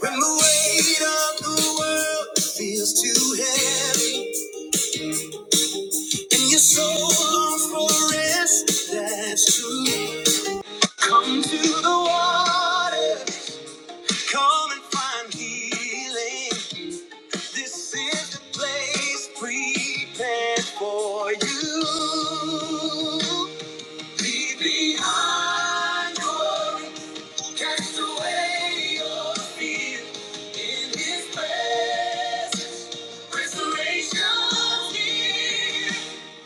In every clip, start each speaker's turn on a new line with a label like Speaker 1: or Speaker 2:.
Speaker 1: When the weight of the world feels too heavy, and your soul longs for rest, that's true. Come to the water, come and find healing. This is the place prepared for you. Leave behind your. Cast away your fear in His presence. Restoration here.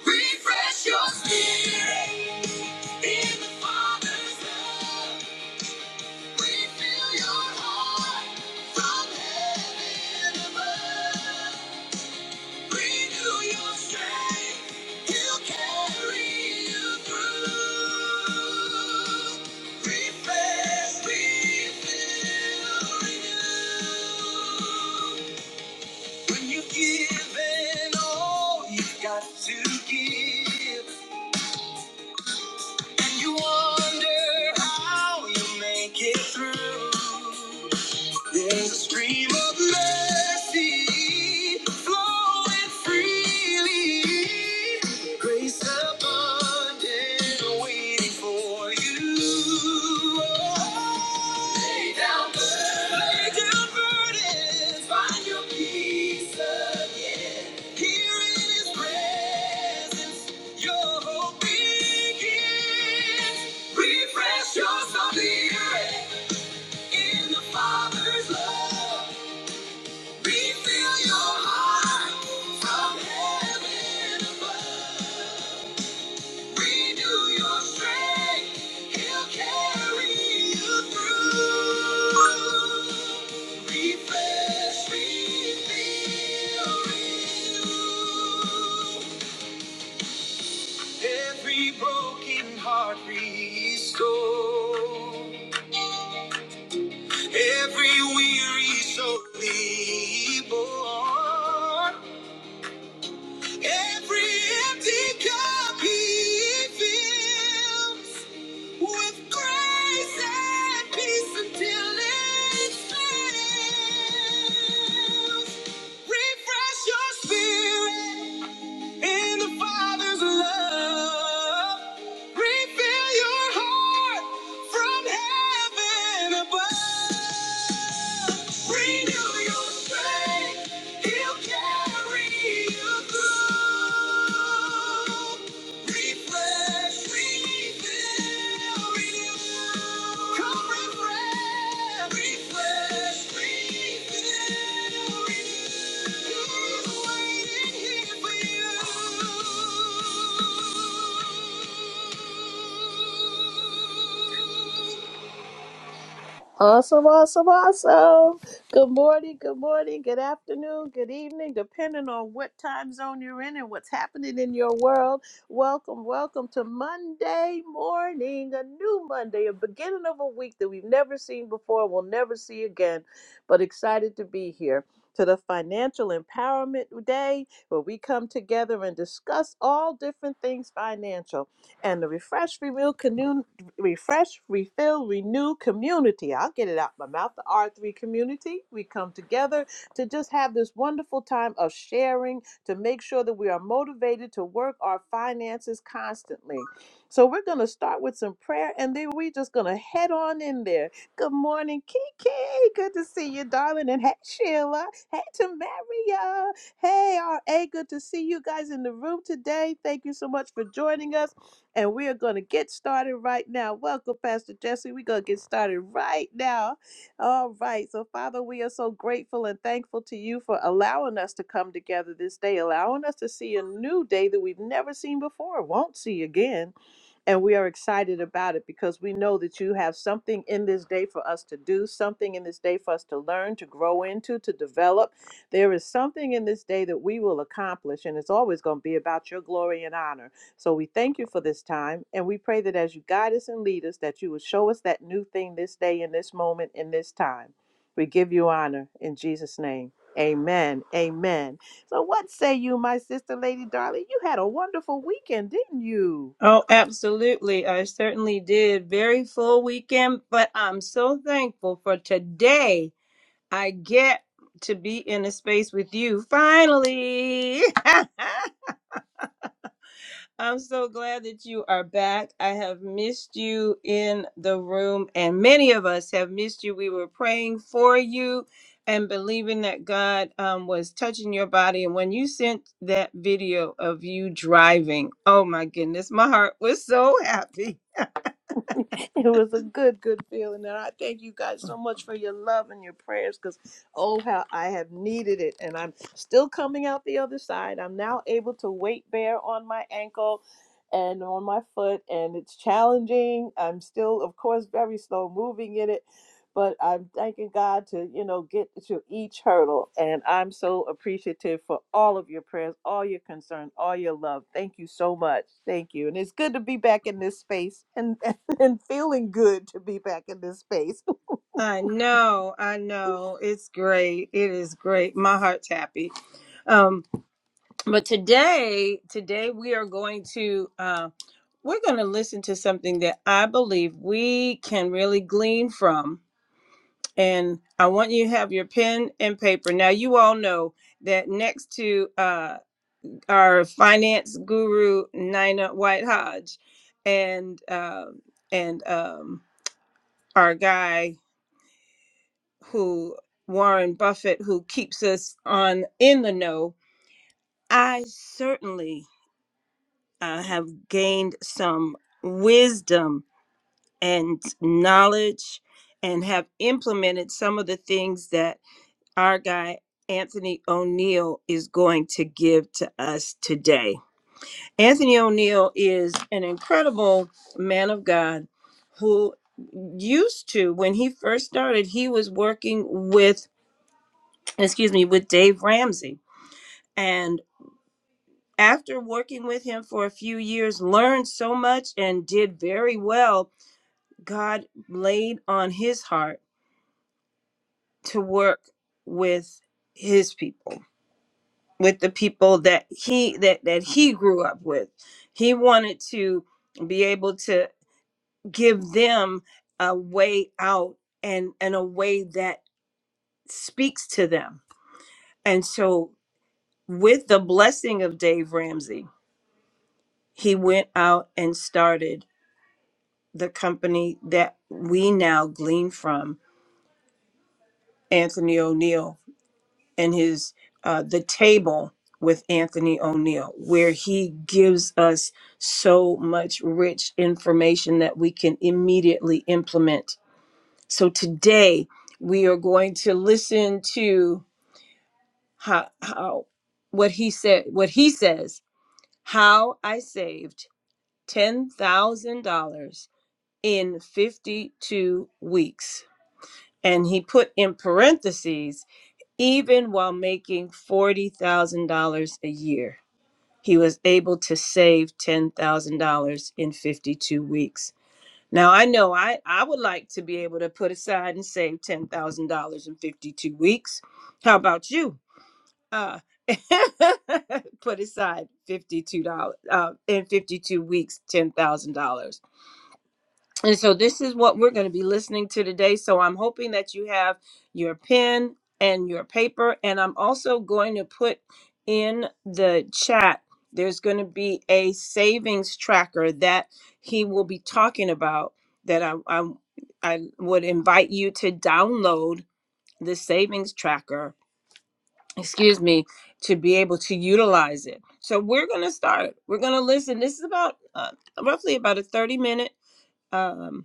Speaker 1: Refresh your spirit in the Father's love. Refill your heart from heaven above. Renew your strength. he carry you through. Refresh, refill, renew. When you've given all you've got to give, and you wonder how you make it through. There's a stream of mercy flowing freely. Grace abundant waiting for you. Lay down burdens. Lay down burdens. Find your peace again. Here in his presence, your hope begins. Refresh your spirit. In the Father's love, refill your heart from heaven above. Renew your strength, He'll carry you through. Refresh, refill, renew. Every broken heart restore. Every weary soul reborn. Every empty cup he fills with grace and peace until it spills. Refresh your spirit. In the Father's love, refill your heart from heaven above. Renew your strength, He'll carry you through.
Speaker 2: Awesome, awesome, awesome. Good morning, good morning, good afternoon, good evening, depending on what time zone you're in and what's happening in your world. Welcome, welcome to Monday morning, a new Monday, a beginning of a week that we've never seen before, we'll never see again, but excited to be here. To the Financial Empowerment Day, where we come together and discuss all different things financial. And the Refresh Reveal refresh, refill, renew community. I'll get it out my mouth. The R3 community. We come together to just have this wonderful time of sharing to make sure that we are motivated to work our finances constantly. So we're going to start with some prayer and then we're just going to head on in there. Good morning, Kiki. Good to see you, darling. And hey, Sheila. Hey, Tamaria. Hey, RA. Good to see you guys in the room today. Thank you so much for joining us. And we are going to get started right now. Welcome, Pastor Jesse. We're going to get started right now. All right. So, Father, we are so grateful and thankful to you for allowing us to come together this day, allowing us to see a new day that we've never seen before, won't see again. And we are excited about it because we know that you have something in this day for us to do, something in this day for us to learn, to grow into, to develop. There is something in this day that we will accomplish, and it's always going to be about your glory and honor. So we thank you for this time, and we pray that as you guide us and lead us, that you will show us that new thing this day, in this moment, in this time. We give you honor in Jesus' name. Amen. Amen. So, what say you, my sister, Lady Darling? You had a wonderful weekend, didn't you?
Speaker 1: Oh, absolutely. I certainly did. Very full weekend, but I'm so thankful for today I get to be in a space with you finally. I'm so glad that you are back. I have missed you in the room, and many of us have missed you. We were praying for you and believing that God um, was touching your body. And when you sent that video of you driving, oh my goodness, my heart was so happy.
Speaker 2: It was a good, good feeling. And I thank you guys so much for your love and your prayers because, oh, how I have needed it. And I'm still coming out the other side. I'm now able to weight bear on my ankle and on my foot, and it's challenging. I'm still, of course, very slow moving in it but I'm thanking God to, you know, get to each hurdle. And I'm so appreciative for all of your prayers, all your concern, all your love. Thank you so much. Thank you. And it's good to be back in this space and, and feeling good to be back in this space.
Speaker 1: I know, I know. It's great. It is great. My heart's happy. Um. but today today we are going to uh we're going to listen to something that i believe we can really glean from and i want you to have your pen and paper now you all know that next to uh our finance guru nina white hodge and um and um our guy who warren buffett who keeps us on in the know i certainly I have gained some wisdom and knowledge and have implemented some of the things that our guy Anthony O'Neill is going to give to us today. Anthony O'Neill is an incredible man of God who used to when he first started he was working with excuse me with Dave Ramsey and after working with him for a few years learned so much and did very well God laid on his heart to work with his people, with the people that he that that he grew up with. He wanted to be able to give them a way out and and a way that speaks to them. And so with the blessing of Dave Ramsey, he went out and started the company that we now glean from Anthony O'Neill and his uh, the table with Anthony O'Neill, where he gives us so much rich information that we can immediately implement. So today we are going to listen to how, how what he said, what he says, how I saved ten thousand dollars in fifty-two weeks, and he put in parentheses Even while making $40,000 a year, he was able to save $10,000 in 52 weeks. Now, I know I, I would like to be able to put aside and save $10,000 in 52 weeks. How about you? Uh, put aside $52 uh, in 52 weeks, $10,000. And so this is what we're going to be listening to today. So I'm hoping that you have your pen and your paper. And I'm also going to put in the chat, there's going to be a savings tracker that he will be talking about that I, I, I would invite you to download the savings tracker, excuse me, to be able to utilize it. So we're going to start. We're going to listen. This is about uh, roughly about a 30 minute. um,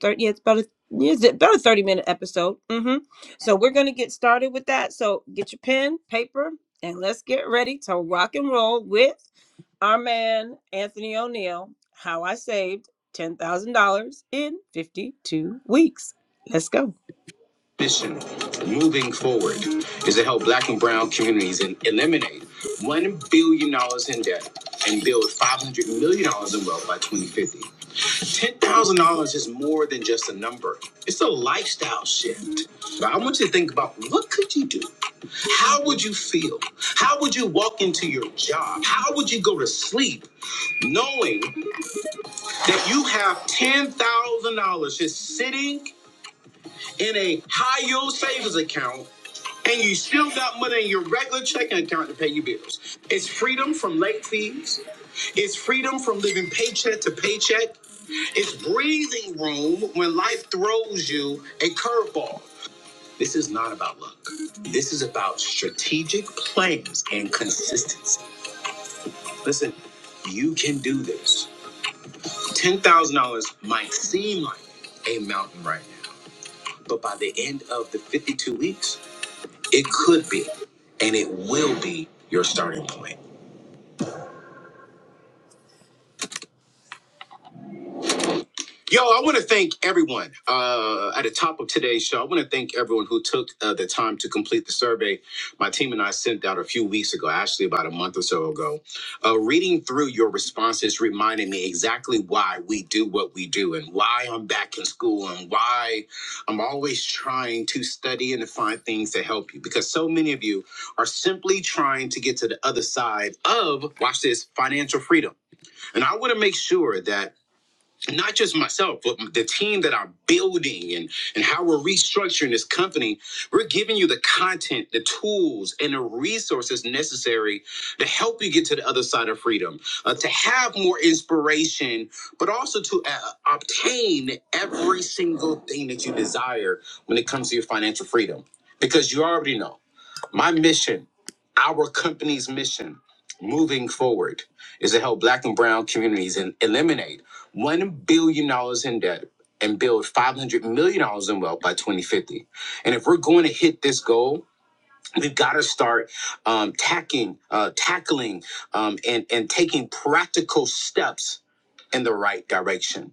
Speaker 1: 30, yeah, it's about a yeah, it's about a 30 minute episode. hmm So we're gonna get started with that. So get your pen, paper, and let's get ready to rock and roll with our man Anthony O'Neill, how I saved ten thousand dollars in 52 weeks. Let's go. Mission moving forward is to help black and brown communities and eliminate one billion dollars in debt and build five hundred million dollars in wealth by 2050. $10,000 is more than just a number. It's a lifestyle shift. But I want you to think about what could you do? How would you feel? How would you walk into your job? How would you go to sleep knowing that you have $10,000 just sitting in a high yield savings account and you still got money in your regular checking account to pay your bills. It's freedom from late fees. It's freedom from living paycheck to paycheck. It's breathing room when life throws you a curveball. This is not about luck. This is about strategic plans and consistency. Listen, you can do this. $10,000 might seem like a mountain right now, but by the end of the 52 weeks, It could be, and it will be your starting point. Yo, I want to thank everyone uh, at the top of today's show. I want to thank everyone who took uh, the time to complete the survey my team and I sent out a few weeks ago, actually about a month or so ago. Uh, reading through your responses reminded me exactly why we do what we do and why I'm back in school and why I'm always trying to study and to find things to help you because so many of you are simply trying to get to the other side of, watch this, financial freedom. And I want to make sure that not just myself, but the team that I'm building and, and how we're restructuring this company, we're giving you the content, the tools, and the resources necessary to help you get to the other side of freedom, uh, to have more inspiration, but also to uh, obtain every single thing that you desire when it comes to your financial freedom. Because you already know. My mission, our company's mission moving forward is to help black and brown communities and eliminate $1 billion dollars in debt and build $500 million dollars in wealth by 2050. And if we're going to hit this goal, we've got to start um, tacking, uh, tackling um, and, and taking practical steps in the right direction.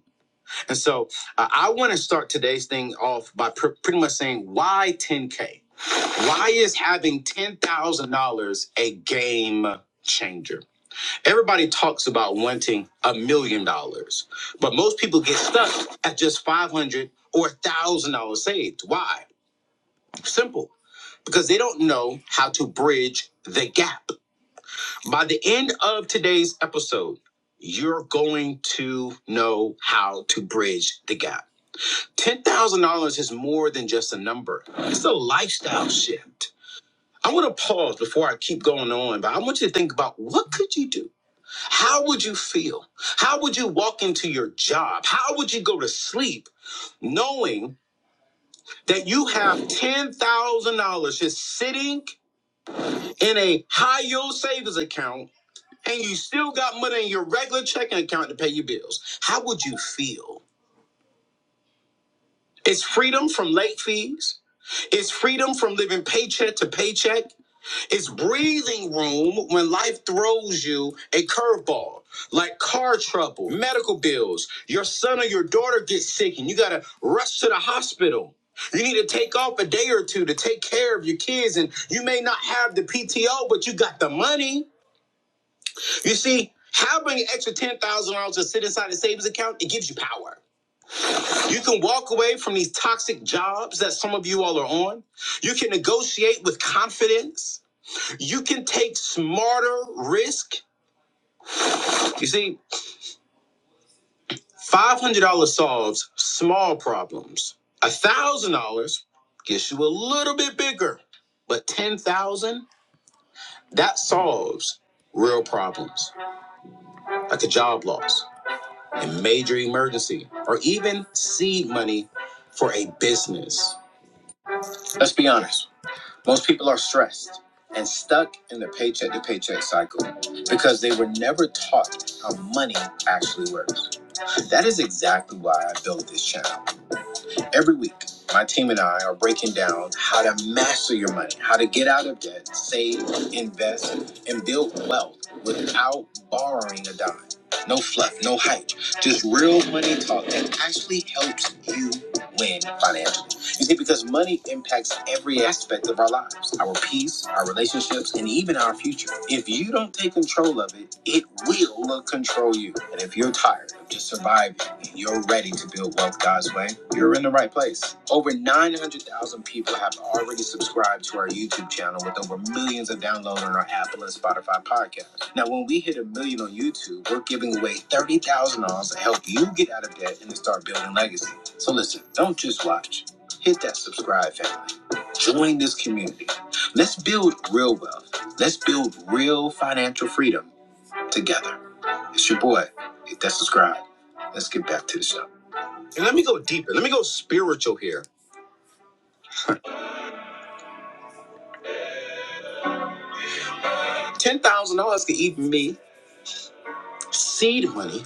Speaker 1: And so uh, I want to start today's thing off by pr- pretty much saying why 10K? Why is having $10,000 a game changer? Everybody talks about wanting a million dollars, but most people get stuck at just 500 or $1,000 saved. Why? Simple. Because they don't know how to bridge the gap. By the end of today's episode, you're going to know how to bridge the gap. $10,000 is more than just a number, it's a lifestyle shift. I want to pause before I keep going on, but I want you to think about what could you do? How would you feel? How would you walk into your job? How would you go to sleep knowing that you have $10,000 just sitting in a high yield savings account and you still got money in your regular checking account to pay your bills? How would you feel? It's freedom from late fees. It's freedom from living paycheck to paycheck. It's breathing room when life throws you a curveball, like car trouble, medical bills. Your son or your daughter gets sick and you gotta rush to the hospital. You need to take off a day or two to take care of your kids, and you may not have the PTO, but you got the money. You see, having an extra ten thousand dollars to sit inside a savings account, it gives you power. You can walk away from these toxic jobs that some of you all are on. You can negotiate with confidence. You can take smarter risk. You see, $500 solves small problems. $1,000 gets you a little bit bigger, but 10,000, that solves real problems like a job loss, a major emergency, or even seed money for a business. Let's be honest. Most people are stressed and stuck in the paycheck to paycheck cycle because they were never taught how money actually works. That is exactly why I built this channel. Every week, my team and I are breaking down how to master your money, how to get out of debt, save, invest, and build wealth without borrowing a dime. No fluff, no hype, just real money talk that actually helps you win financially. You see, because money impacts every aspect of our lives our peace, our relationships, and even our future. If you don't take control of it, it will control you. And if you're tired of just surviving, you're ready to build wealth God's way. You're in the right place. Over 900,000 people have already subscribed to our YouTube channel with over millions of downloads on our Apple and Spotify podcast. Now, when we hit a million on YouTube, we're giving away $30,000 to help you get out of debt and to start building legacy. So listen, don't just watch. Hit that subscribe, family. Join this community. Let's build real wealth. Let's build real financial freedom together. It's your boy. Hit that subscribe. Let's get back to the show. And let me go deeper. Let me go spiritual here. Ten thousand dollars could even be seed money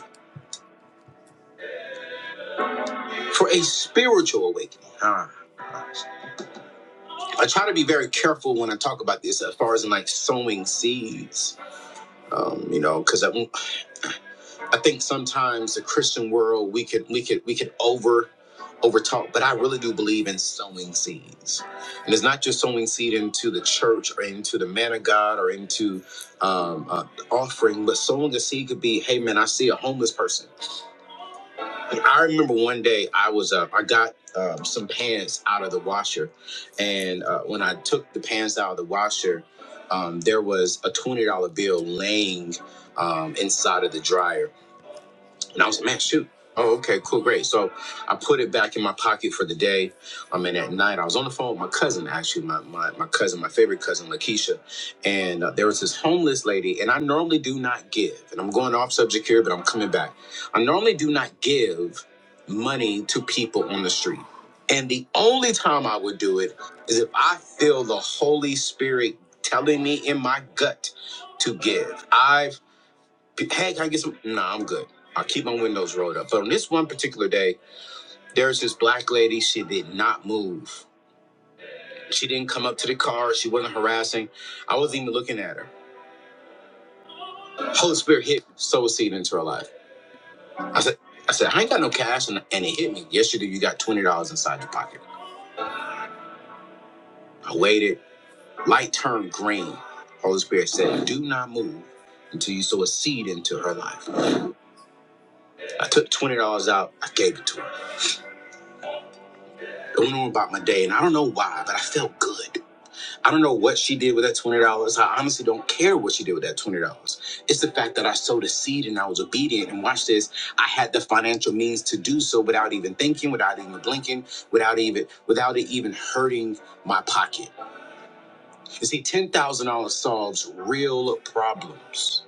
Speaker 1: for a spiritual awakening. Ah. I try to be very careful when I talk about this, as far as in like sowing seeds. Um, you know, because I, I think sometimes the Christian world we could we could we could over over talk, but I really do believe in sowing seeds, and it's not just sowing seed into the church or into the man of God or into um, uh, offering, but sowing a seed could be, hey man, I see a homeless person. I remember one day I was uh, I got um, some pants out of the washer, and uh, when I took the pants out of the washer, um, there was a twenty dollar bill laying um, inside of the dryer. And I was like, man, shoot. Oh, okay, cool, great. So I put it back in my pocket for the day. I mean, at night, I was on the phone with my cousin, actually, my, my, my cousin, my favorite cousin, Lakeisha. And uh, there was this homeless lady, and I normally do not give. And I'm going off subject here, but I'm coming back. I normally do not give money to people on the street. And the only time I would do it is if I feel the Holy Spirit telling me in my gut to give. I've Hey, can I get some? Nah, I'm good. I keep my windows rolled up. But on this one particular day, there's this black lady. She did not move. She didn't come up to the car. She wasn't harassing. I wasn't even looking at her. Holy Spirit hit sow a seed into her life. I said, I said, I ain't got no cash, and, and it hit me. Yes, you do. You got twenty dollars inside your pocket. I waited. Light turned green. Holy Spirit said, Do not move until you sow a seed into her life. I took twenty dollars out. I gave it to her. I went on about my day, and I don't know why, but I felt good. I don't know what she did with that twenty dollars. I honestly don't care what she did with that twenty dollars. It's the fact that I sowed a seed and I was obedient. And watch this, I had the financial means to do so without even thinking, without even blinking, without even without it even hurting my pocket. You see, ten thousand dollars solves real problems.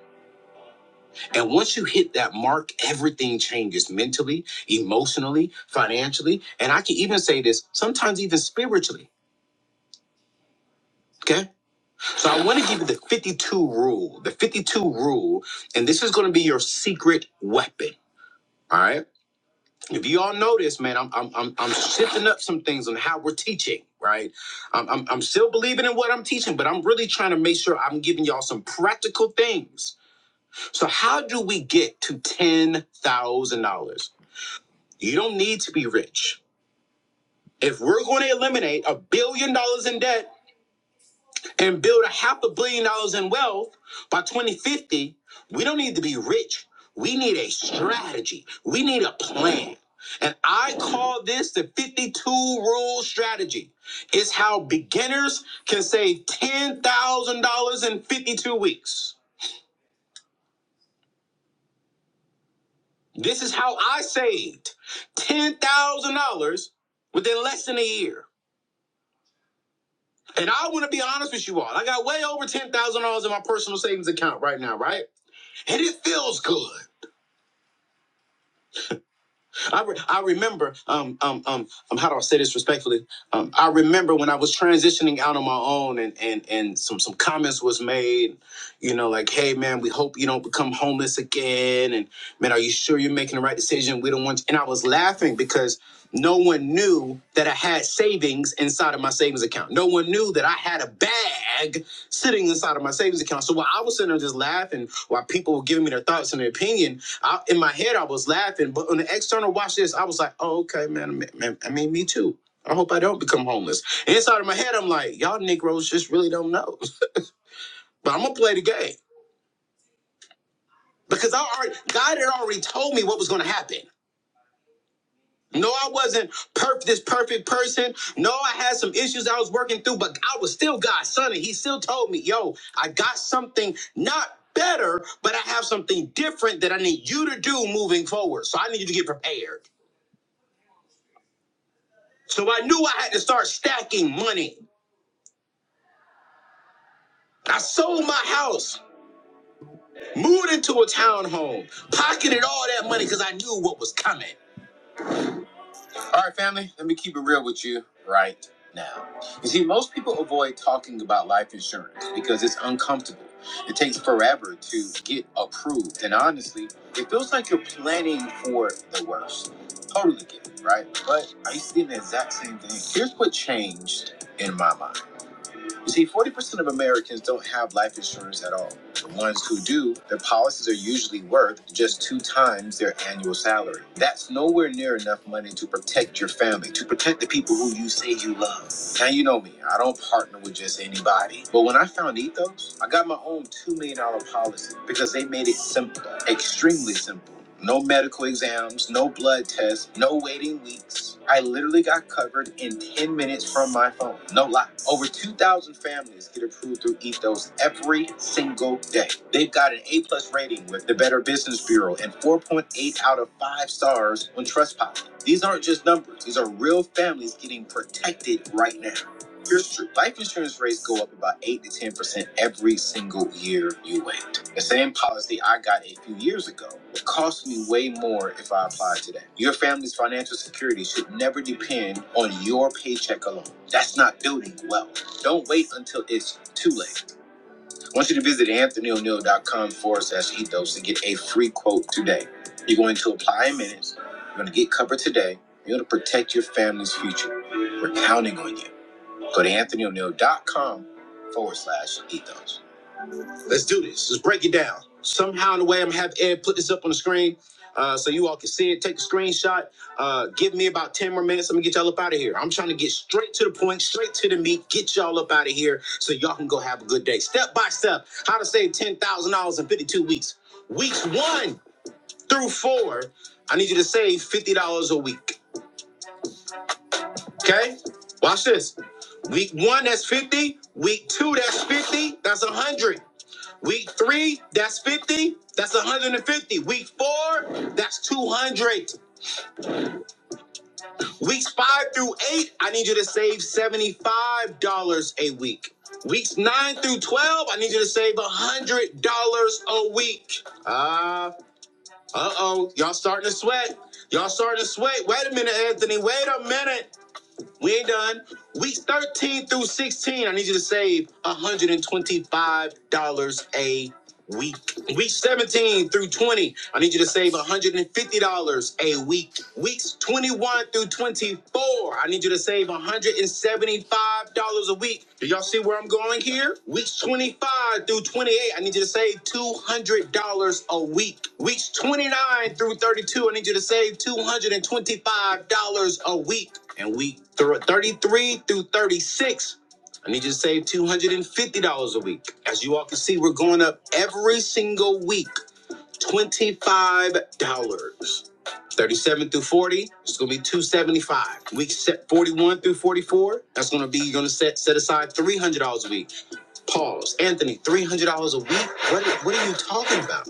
Speaker 1: And once you hit that mark, everything changes mentally, emotionally, financially, and I can even say this sometimes even spiritually. Okay So I want to give you the 52 rule. The 52 rule, and this is going to be your secret weapon. All right. If you all notice, man, I'm I'm I'm, I'm shifting up some things on how we're teaching. Right. I'm, I'm I'm still believing in what I'm teaching, but I'm really trying to make sure I'm giving y'all some practical things. So how do we get to ten thousand dollars? You don't need to be rich. If we're going to eliminate a billion dollars in debt and build a half a billion dollars in wealth by 2050, we don't need to be rich. We need a strategy. We need a plan. And I call this the 52 rule strategy. It's how beginners can save $10,000 in 52 weeks. This is how I saved $10,000 within less than a year. And I want to be honest with you all. I got way over $10,000 in my personal savings account right now, right? And it feels good. I, re- I remember um, um um um how do I say this respectfully? Um, I remember when I was transitioning out on my own and and and some some comments was made, you know, like, hey man, we hope you don't become homeless again, and man, are you sure you're making the right decision? We don't want. you. And I was laughing because no one knew that I had savings inside of my savings account. No one knew that I had a bag sitting inside of my savings account. So while I was sitting there just laughing, while people were giving me their thoughts and their opinion I, in my head, I was laughing, but on the external watch this, I was like, oh, okay, man, man, I mean, me too. I hope I don't become homeless. And Inside of my head, I'm like, y'all Negroes just really don't know. But I'm gonna play the game because I already, God had already told me what was gonna happen. No, I wasn't perfect, this perfect person. No, I had some issues I was working through, but I was still God's son, and He still told me, yo, I got something not better, but I have something different that I need you to do moving forward. So I need you to get prepared. So I knew I had to start stacking money. I sold my house, moved into a townhome, pocketed all that money because I knew what was coming. All right, family, let me keep it real with you right now. You see, most people avoid talking about life insurance because it's uncomfortable. It takes forever to get approved. And honestly, it feels like you're planning for the worst. Totally get it, right? But I used to do the exact same thing. Here's what changed in my mind. You see, 40% of Americans don't have life insurance at all. The ones who do, their policies are usually worth just two times their annual salary. That's nowhere near enough money to protect your family, to protect the people who you say you love. Now, you know me, I don't partner with just anybody. But when I found Ethos, I got my own $2 million dollar policy because they made it simple, extremely simple. No medical exams, no blood tests, no waiting weeks. I literally got covered in 10 minutes from my phone. No lie. Over 2,000 families get approved through Ethos every single day. They've got an A plus rating with the Better Business Bureau and 4.8 out of 5 stars on Trustpilot. These aren't just numbers, these are real families getting protected right now. Here's the truth. Life insurance rates go up about 8 to 10% every single year you wait. The same policy I got a few years ago would cost me way more if I applied today. Your family's financial security should never depend on your paycheck alone. That's not building wealth. Don't wait until it's too late. I want you to visit anthonyo'neill.com forward slash ethos to get a free quote today. You're going to apply in minutes. You're going to get covered today. You're going to protect your family's future. We're counting on you. Go to anthonyo'neill.com forward slash ethos. Let's do this. Let's break it down. Somehow, in a way, I'm gonna have Ed put this up on the screen uh, so you all can see it. Take a screenshot. Uh, give me about 10 more minutes. Let me get y'all up out of here. I'm trying to get straight to the point, straight to the meat, get y'all up out of here so y'all can go have a good day. Step by step, how to save $10,000 in 52 weeks. Weeks one through four, I need you to save $50 a week. Okay? Watch this. Week one, that's 50. Week two, that's 50. That's 100. Week three, that's 50. That's 150. Week four, that's 200. Weeks five through eight, I need you to save $75 a week. Weeks nine through 12, I need you to save $100 a week. Uh, uh oh, y'all starting to sweat. Y'all starting to sweat. Wait a minute, Anthony. Wait a minute. We ain't done. Weeks 13 through 16, I need you to save $125 a week. Week 17 through 20, I need you to save $150 a week. Weeks 21 through 24, I need you to save $170 $75 a week. Do y'all see where I'm going here? Weeks 25 through 28, I need you to save $200 a week. Weeks 29 through 32, I need you to save $225 a week. And week thr- 33 through 36, I need you to save $250 a week. As you all can see, we're going up every single week. $25. dollars. 37 through 40, it's gonna be 275. Week set 41 through 44, that's gonna be you're gonna set set aside $300 a week. Pause. Anthony, $300 a week? What, what are you talking about?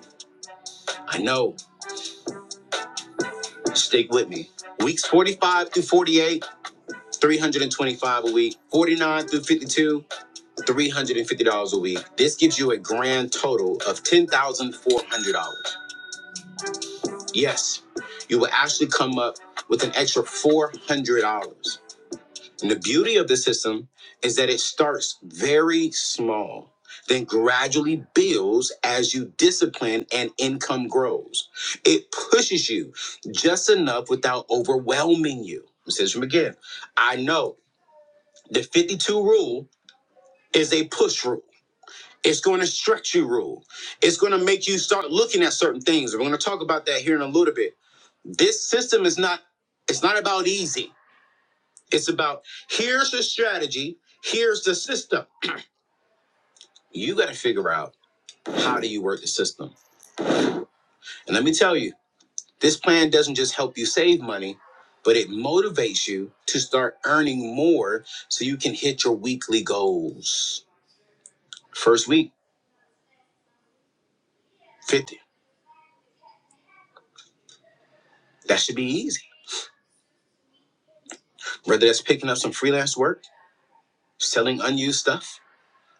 Speaker 1: I know. Stick with me. Weeks 45 through 48, 325 a week. 49 through 52, $350 a week. This gives you a grand total of $10,400. Yes, you will actually come up with an extra $400. And the beauty of the system is that it starts very small, then gradually builds as you discipline and income grows. It pushes you just enough without overwhelming you. It says from again, I know the 52 rule is a push rule. It's going to stretch you, rule. It's going to make you start looking at certain things. We're going to talk about that here in a little bit. This system is not. It's not about easy. It's about here's the strategy. Here's the system. You got to figure out how do you work the system. And let me tell you, this plan doesn't just help you save money, but it motivates you to start earning more so you can hit your weekly goals. First week, 50. That should be easy. Whether that's picking up some freelance work selling unused stuff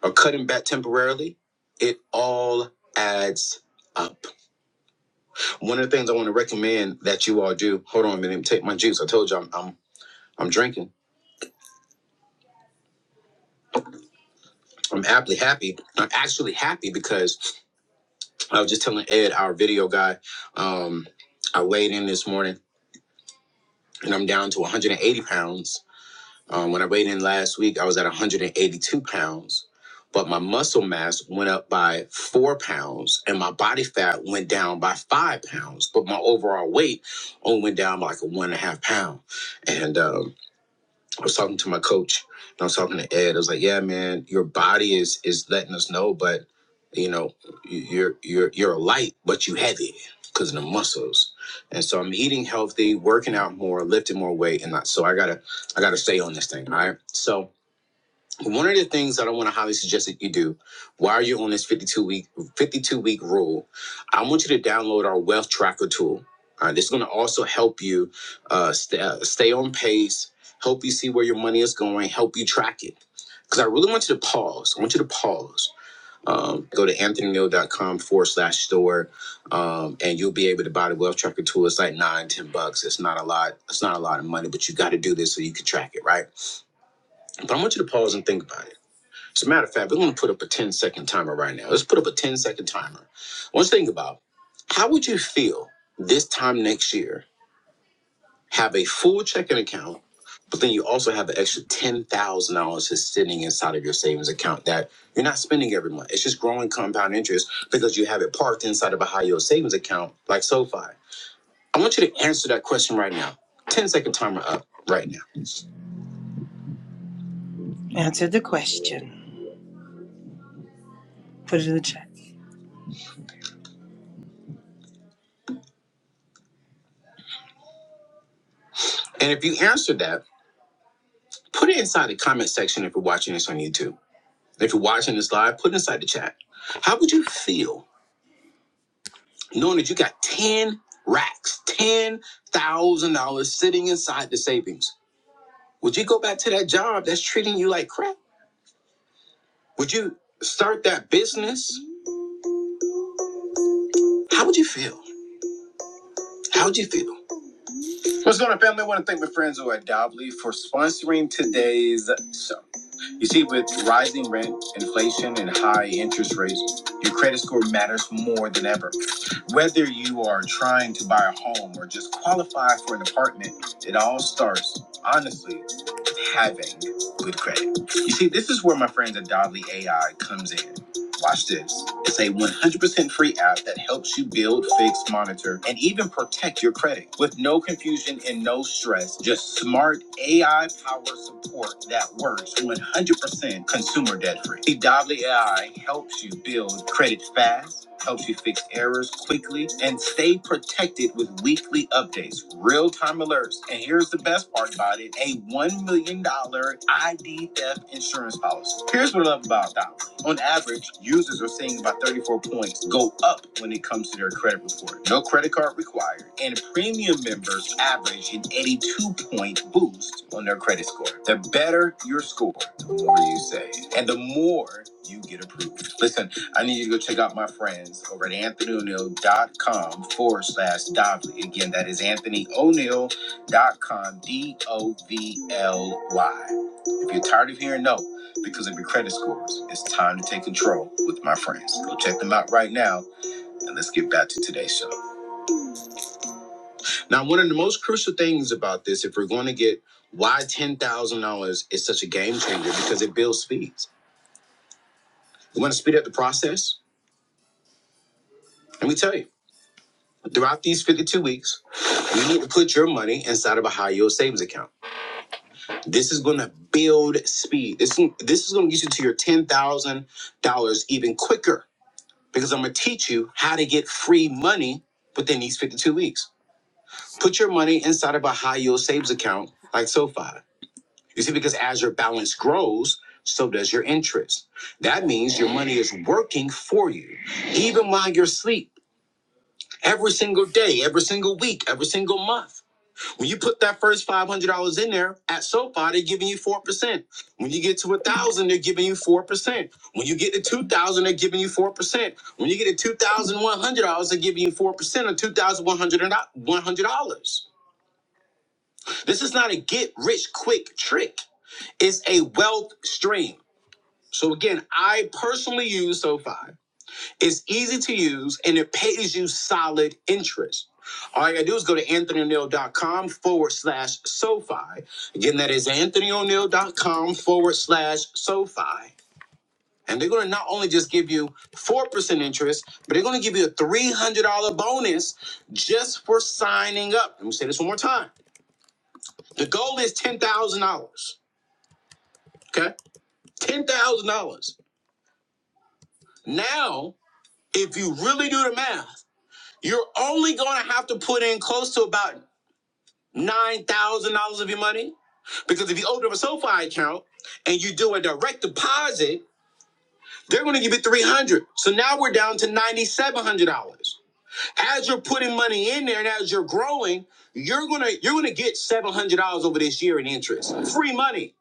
Speaker 1: or cutting back temporarily, it all adds up. One of the things I want to recommend that you all do. Hold on a minute, let me take my juice. I told you I'm I'm, I'm drinking. I'm aptly happy. I'm actually happy because I was just telling Ed, our video guy, um, I weighed in this morning and I'm down to 180 pounds Um, when I weighed in last week, I was at 182 pounds, but my muscle mass went up by four pounds and my body fat went down by five pounds, but my overall weight only went down by like a one and a half pound. And um, I was talking to my coach and I was talking to Ed. I was like, "Yeah, man, your body is is letting us know, but you know, you- are you're you're light, but you heavy because of the muscles." And so I'm eating healthy, working out more, lifting more weight, and not, so I gotta I gotta stay on this thing. All right, so one of the things that I want to highly suggest that you do while you're on this 52 week 52 week rule, I want you to download our wealth tracker tool. All right, this is going to also help you uh, st- uh, stay on pace, help you see where your money is going, help you track it. Because I really want you to pause. I want you to pause. Um, go to anthonyneal.com forward slash store, um, and you'll be able to buy the wealth tracker tool. It's like nine, ten bucks. It's not a lot. It's not a lot of money, but you got to do this so you can track it, right? But I want you to pause and think about it. As a matter of fact, we're going to put up a ten-second timer right now. Let's put up a ten-second timer. Let's think about how would you feel this time next year, have a full checking account, but then you also have an extra $10,000 just sitting inside of your savings account that you're not spending every month. It's just growing compound interest because you have it parked inside of a high yield savings account like SoFi. I want you to answer that question right now. Ten-second timer up right now. Put it in the chat. And if you answered that, put it inside the comment section if you're watching this on YouTube if you're watching this live, put inside the chat. How would you feel knowing that you got 10 racks, $10,000 sitting inside the savings? Would you go back to that job that's treating you like crap? Would you start that business? How would you feel? How would you feel? What's going on, family? I want to thank my friends over at Dobley for sponsoring today's show. You see, with rising rent, inflation, and high interest rates, your credit score matters more than ever. Whether you are trying to buy a home or just qualify for an apartment, it all starts, honestly, with having good credit. You see, this is where my friends at Dodley AI comes in. Watch this. It's a 100% free app that helps you build, fix, monitor, and even protect your credit with no confusion and no stress. Just smart AI powered support that works 100% consumer debt free. See, Dobley AI helps you build credit fast. Helps you fix errors quickly and stay protected with weekly updates, real time alerts. And here's the best part about it a $1 million ID theft insurance policy. Here's what I love about Dobley. On average, users are seeing about 34 points go up when it comes to their credit report. No credit card required, and premium members average an 82 point boost on their credit score. The better your score, the more you save, and the more you get approved. Listen, I need you to go check out my friends over at anthonyo'neill.com forward slash Dovely. Again, that is anthonyo'neill.com, D O V L Y. If you're tired of hearing no, because of your credit scores. It's time to take control with my friends. Go check them out right now, and let's get back to today's show. Now, one of the most crucial things about this, if we're going to get why $10,000 is such a game changer, because it builds speeds. You want to speed up the process? Let me tell you, throughout these 52 weeks, you need to put your money inside of a high yield savings account. This is going to build speed. This, this is going to get you to your $10,000 even quicker because I'm going to teach you how to get free money within these 52 weeks. Put your money inside of a high yield savings account like SoFi. You see, because as your balance grows, so does your interest. That means your money is working for you, even while you're asleep, every single day, every single week, every single month. When you put that first five hundred dollars in there at SoFi, they're giving you four percent. When you get to a thousand, dollars, they're giving you four percent. When you get to two thousand, dollars, they're giving you four percent. When you get to two thousand one hundred dollars, they're giving you four percent on two thousand one hundred one hundred dollars. This is not a get rich quick trick. It's a wealth stream. So again, I personally use SoFi. It's easy to use and it pays you solid interest. All you gotta do is go to anthonyo'neill.com forward slash SoFi. Again, that is anthonyo'neill.com forward slash SoFi. And they're gonna not only just give you 4% interest, but they're gonna give you a $300 bonus just for signing up. Let me say this one more time. The goal is $10,000. Okay? $10,000. Now, if you really do the math, you're only going to have to put in close to about nine thousand dollars of your money? Because if you open up a SoFi account and you do a direct deposit, they're going to give you three hundred. dollars. So now we're down to ninety-seven hundred dollars. As you're putting money in there and as you're growing, you're gonna you're gonna get seven hundred dollars over this year in interest, free money.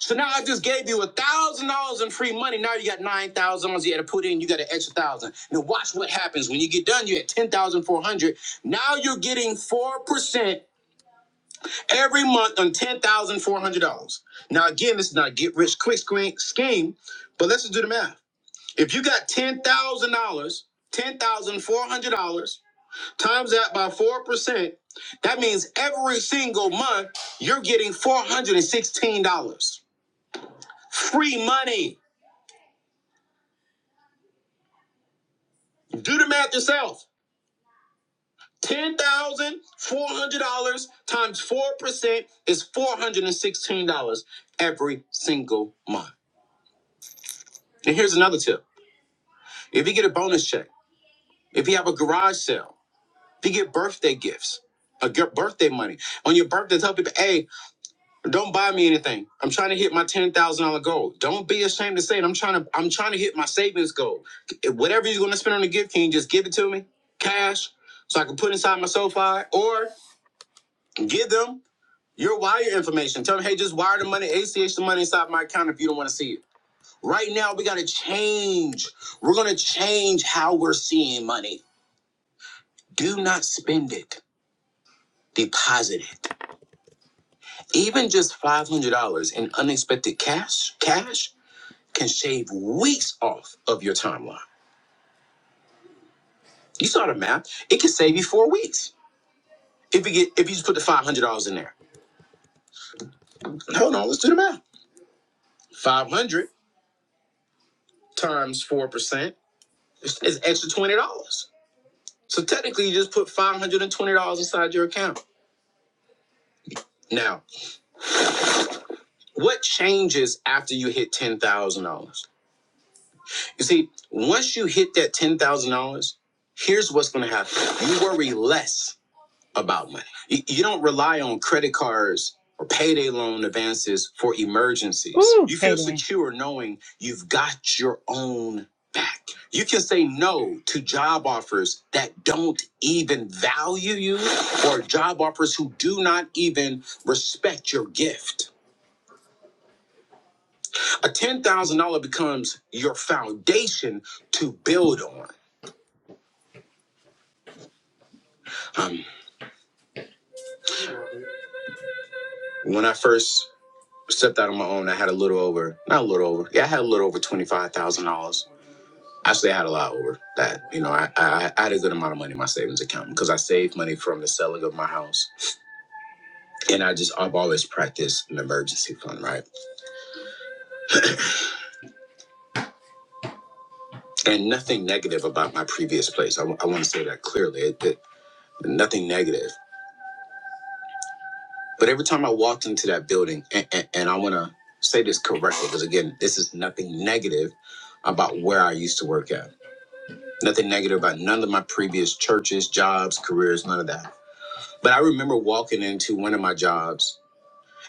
Speaker 1: So now I just gave you a thousand dollars in free money. Now you got nine thousand dollars you had to put in. You got an extra one thousand. dollars. Now watch what happens when you get done. You're at ten thousand four hundred. dollars. Now you're getting four percent every month on ten thousand four hundred dollars. Now again, this is not a get rich quick scheme, but let's just do the math. If you got ten thousand dollars, ten thousand four hundred dollars, times that by four percent, that means every single month you're getting four hundred and sixteen dollars. Free money. Do the math yourself. Ten thousand four hundred dollars times four percent is four hundred and sixteen dollars every single month. And here's another tip. If you get a bonus check, if you have a garage sale, if you get birthday gifts, a gi- birthday money on your birthday, tell people, hey, don't buy me anything. I'm trying to hit my ten thousand dollar goal. Don't be ashamed to say it. I'm trying to I'm trying to hit my savings goal. If whatever you're gonna spend on the gift, can you just give it to me, cash, so I can put inside my SoFi, or give them your wire information. Tell them, hey, just wire the money, ACH the money inside my account if you don't want to see it. Right now, we gotta change. We're gonna change how we're seeing money. Do not spend it. Deposit it. Even just $500 in unexpected cash, cash can shave weeks off of your timeline. You saw the math. It can save you four weeks if you get if you just put the $500 in there. Hold on, let's do the math. 500 times 4% is extra $20. So technically, you just put $520 inside your account. Now, what changes after you hit $10,000? You see, once you hit that $10,000, here's what's going to happen. You worry less about money. You, you don't rely on credit cards or payday loan advances for emergencies. Ooh, you feel payday. secure knowing you've got your own back. You can say no to job offers that don't even value you or job offers who do not even respect your gift. A $10,000 becomes your foundation to build on. Um, When I first stepped out on my own, I had a little over, not a little over, yeah, I had a little over $25,000. Actually, I had a lot over that. You know, I, I, I had a good amount of money in my savings account because I saved money from the selling of my house. And I just, I've always practiced an emergency fund, right? And nothing negative about my previous place. I, I want to say that clearly. It, it, nothing negative. But every time I walked into that building, and, and, and I want to say this correctly because, again, this is nothing negative about where I used to work at Nothing negative about none of my previous churches, jobs, careers, none of that. But I remember walking into one of my jobs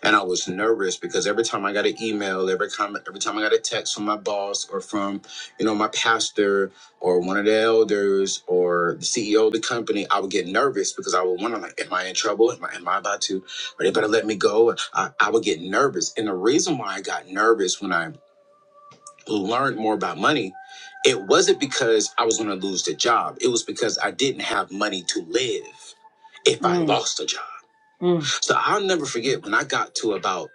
Speaker 1: and I was nervous because every time I got an email, every comment, every time I got a text from my boss or from, you know, my pastor or one of the elders or the CEO of the company, I would get nervous because I would wonder like, am I in trouble? Am I, am I about to, or they better let me go? I, I would get nervous. And the reason why I got nervous when I learned more about money, it wasn't because I was going to lose the job. It was because I didn't have money to live if I Mm. lost a job. Mm. So I'll never forget when I got to about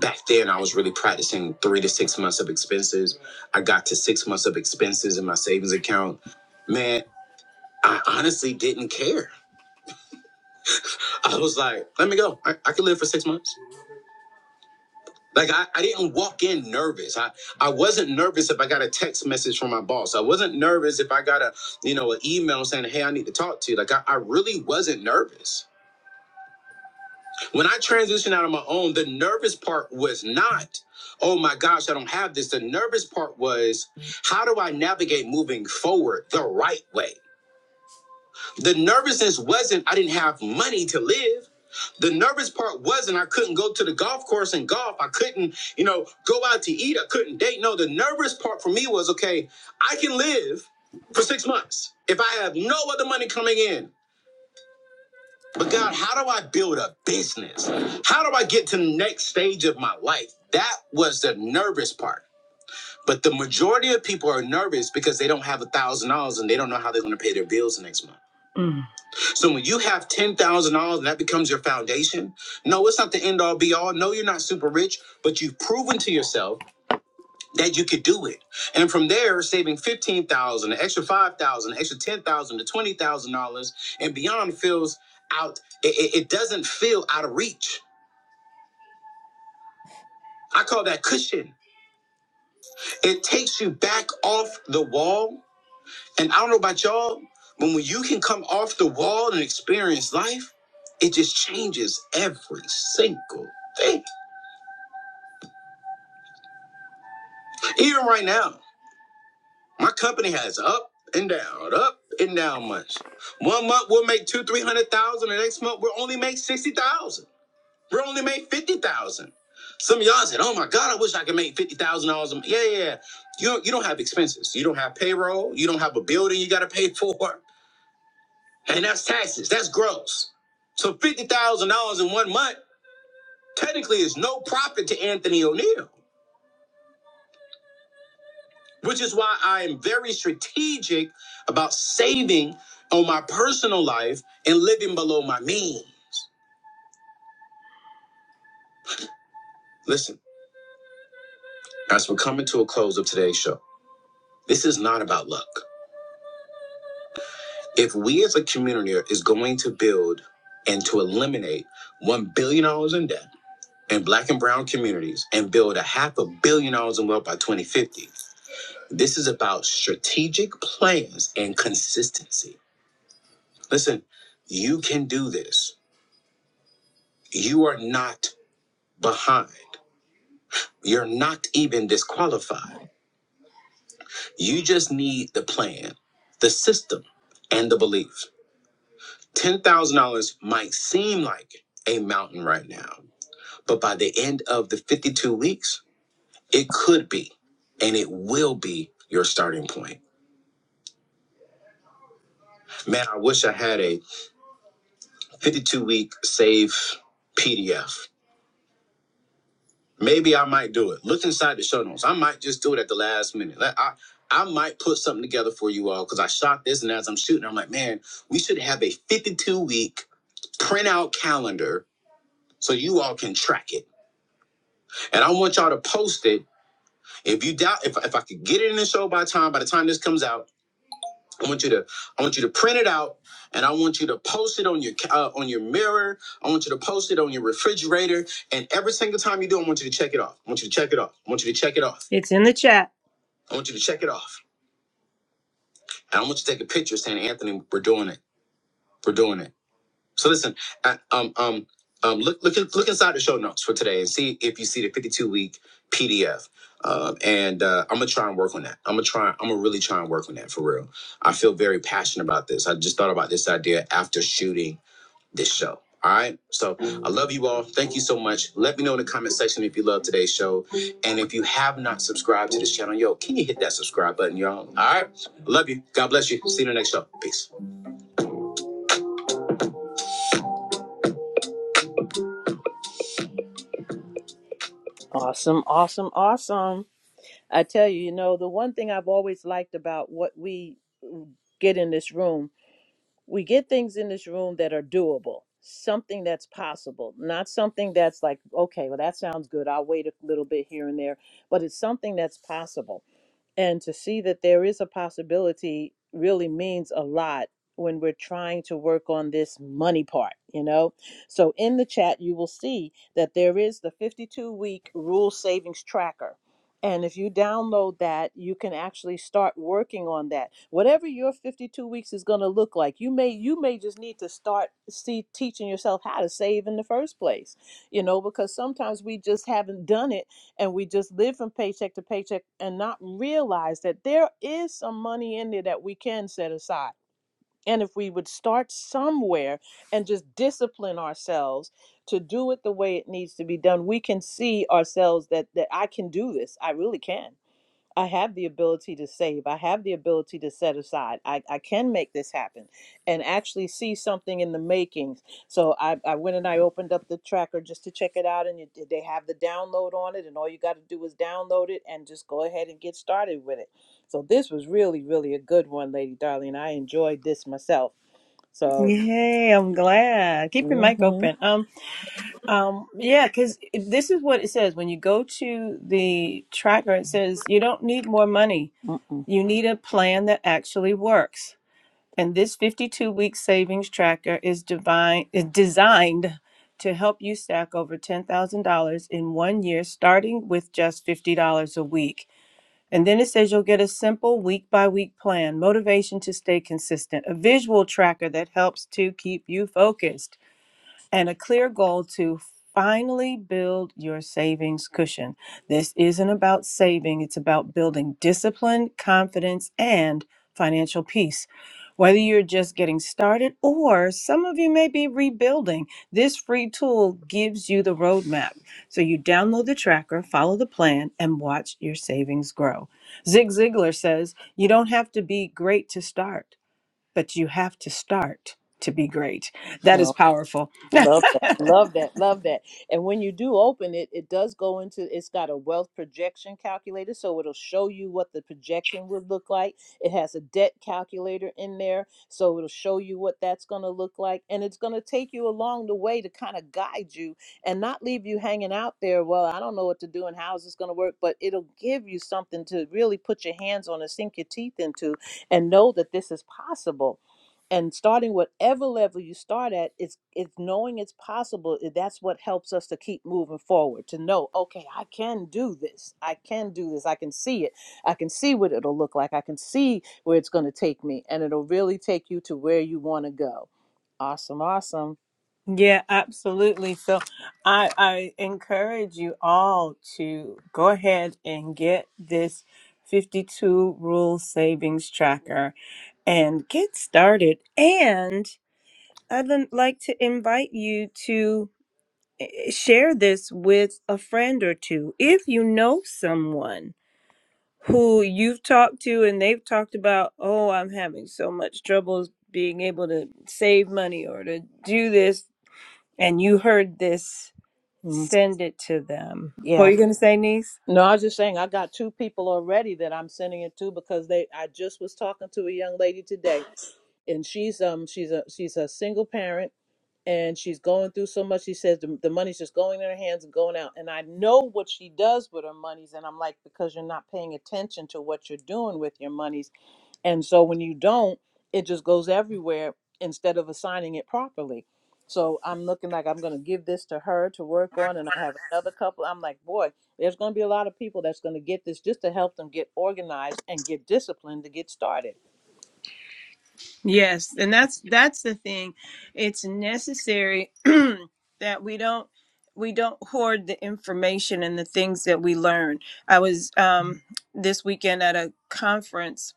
Speaker 1: back then, I was really practicing three to six months of expenses. I got to six months of expenses in my savings account. Man, I honestly didn't care. I was like, let me go. I, I can live for six months. Like I, I didn't walk in nervous. I, I wasn't nervous if I got a text message from my boss. I wasn't nervous if I got a, you know, an email saying, hey, I need to talk to you. Like I, I really wasn't nervous. When I transitioned out on my own, the nervous part was not, oh my gosh, I don't have this. The nervous part was how do I navigate moving forward the right way? The nervousness wasn't I didn't have money to live. The nervous part wasn't I couldn't go to the golf course and golf. I couldn't, you know, go out to eat. I couldn't date. No, the nervous part for me was okay, I can live for six months if I have no other money coming in. But God, how do I build a business? How do I get to the next stage of my life? That was the nervous part. But the majority of people are nervous because they don't have a thousand dollars and they don't know how they're gonna pay their bills the next month. Mm. So when you have ten thousand dollars and that becomes your foundation, no, it's not the end all be all. No, you're not super rich, but you've proven to yourself that you could do it. And from there, saving fifteen thousand, dollars, an extra five thousand, dollars, an extra ten thousand dollars to twenty thousand dollars and beyond feels out. it it doesn't feel out of reach. I call that cushion. It takes you back off the wall And I don't know about y'all, but when you can come off the wall and experience life, it just changes every single thing. Even right now, my company has up and down, up and down months. One month we'll make two, three hundred thousand. The next month we'll only make sixty thousand. We'll only make fifty thousand. Some of y'all said, "Oh my God, I wish I could make fifty thousand dollars." a month." Yeah, yeah, yeah. You don't, you don't have expenses. You don't have payroll. You don't have a building you got to pay for. and that's taxes. That's gross. So fifty thousand dollars in one month technically is no profit to Anthony O'Neill, which is why I am very strategic about saving on my personal life and living below my means. Listen, as we're coming to a close of today's show, this is not about luck. If we as a community are- is going to build and to eliminate one billion dollars in debt in black and brown communities and build a half a billion dollars in wealth by 2050 This is about strategic plans and consistency. Listen, you can do this. You are not behind. You're not even disqualified. You just need the plan, the system, and the belief. $10,000 might seem like a mountain right now, but by the end of the 52 weeks, it could be and it will be your starting point. Man, I wish I had a 52 week save PDF Maybe I might do it. Look inside the show notes. I might just do it at the last minute. Like, I I might put something together for you all because I shot this, and as I'm shooting, I'm like, man, we should have a 52 week printout calendar so you all can track it. And I want y'all to post it. If you doubt, if if I could get it in the show by time, by the time this comes out. I want you to I want you to print it out and I want you to post it on your uh, on your mirror. I want you to post it on your refrigerator and every single time you do I want you to check it off. I want you to check it off. I want you to check it off. It's in the chat. I want you to check it off. And I want you to take a picture saying Anthony we're doing it. We're doing it. So listen, uh, um, um, um, look, look, in- look inside the show notes for today and see if you see the 52 week PDF. Um, and uh, I'm gonna try and work on that. I'm gonna try. I'm gonna really try and work on that for real. I feel very passionate about this. I just thought about this idea after shooting this show. All right. So I love you all. Thank you so much. Let me know in the comment section if you love today's show. And if you have not subscribed to this channel, yo, can you hit that subscribe button, y'all? All right. Love you. God bless you. See you in the next show. Peace.
Speaker 2: Awesome, awesome, awesome. I tell you, you know, the one thing I've always liked about what we get in this room, we get things in this room that are doable, something that's possible, not something that's like, okay, well, that sounds good. I'll wait a little bit here and there, but it's something that's possible. And to see that there is a possibility really means a lot when we're trying to work on this money part, you know? So in the chat, you will see that there is the 52 week rule savings tracker. And if you download that, you can actually start working on that. Whatever your 52 weeks is going to look like, you may you may just need to start see teaching yourself how to save in the first place. You know, because sometimes we just haven't done it and we just live from paycheck to paycheck and not realize that there is some money in there that we can set aside. And if we would start somewhere and just discipline ourselves to do it the way it needs to be done, we can see ourselves that that I can do this. I really can. I have the ability to save. I have the ability to set aside. I, I can make this happen and actually see something in the makings. So I, I went and I opened up the tracker just to check it out, and you, they have the download on it. And all you got to do is download it and just go ahead and get started with it. So this was really, really a good one, Lady Darling. I enjoyed this myself. So,
Speaker 1: Yay, I'm glad. Keep your mic
Speaker 2: mm-hmm.
Speaker 1: open. Um, um, yeah, because this is what it says. When you go to the tracker, it says you don't need more money.
Speaker 2: Mm-mm.
Speaker 1: You need a plan that actually works. And this 52 week savings tracker is divine is designed to help you stack over $10,000 in one year, starting with just $50 a week. And then it says you'll get a simple week by week plan, motivation to stay consistent, a visual tracker that helps to keep you focused and a clear goal to finally build your savings cushion. This isn't about saving, it's about building discipline, confidence, and financial peace. Whether you're just getting started or some of you may be rebuilding, this free tool gives you the roadmap. So you download the tracker, follow the plan, and watch your savings grow. Zig Ziglar says, You don't have to be great to start, but you have to start to be great. That is powerful.
Speaker 2: Love that. Love that. Love that. And when you do open it, it does go into it's got a wealth projection calculator, so it'll show you what the projection would look like. It has a debt calculator in there, so it'll show you what that's going to look like. And it's going to take you along the way to kind of guide you and not leave you hanging out there. Well, I don't know what to do and how is this going to work, but it'll give you something to really put your hands on and sink your teeth into and know that this is possible and starting whatever level you start at it's it's knowing it's possible i- that's what helps us to keep moving forward to know okay i can do this i can do this i can see it i can see what it'll look like i can see where it's going to take me and it'll really take you to where you want to go awesome awesome
Speaker 1: Yeah, absolutely. So I, I encourage you all to go ahead and get this 52 rule savings tracker and get started. And I'd l- like to invite you to eh, share this with a friend or two. If you know someone who you've talked to and they've talked about, oh, I'm having so much trouble being able to save money or to do this and you heard this,
Speaker 2: Mm,
Speaker 1: send it to them. What are
Speaker 2: yeah
Speaker 1: you going to say, niece?
Speaker 2: no i was just saying i got two people already that i'm sending it to because they i just was talking to a young lady today and she's um she's a she's a single parent and she's going through so much. She says the, the money's just going in her hands and going out. And I know what she does with her monies. And I'm like, because you're not paying attention to what you're doing with your monies. And so when you don't, it just goes everywhere instead of assigning it properly. So I'm looking like I'm going to give this to her to work on. And I have another couple. I'm like, boy, there's going to be a lot of people that's going to get this just to help them get organized and get disciplined to get started.
Speaker 1: Yes, and that's that's the thing. It's necessary that we don't we don't hoard the information and the things that we learn. I was um this weekend at a conference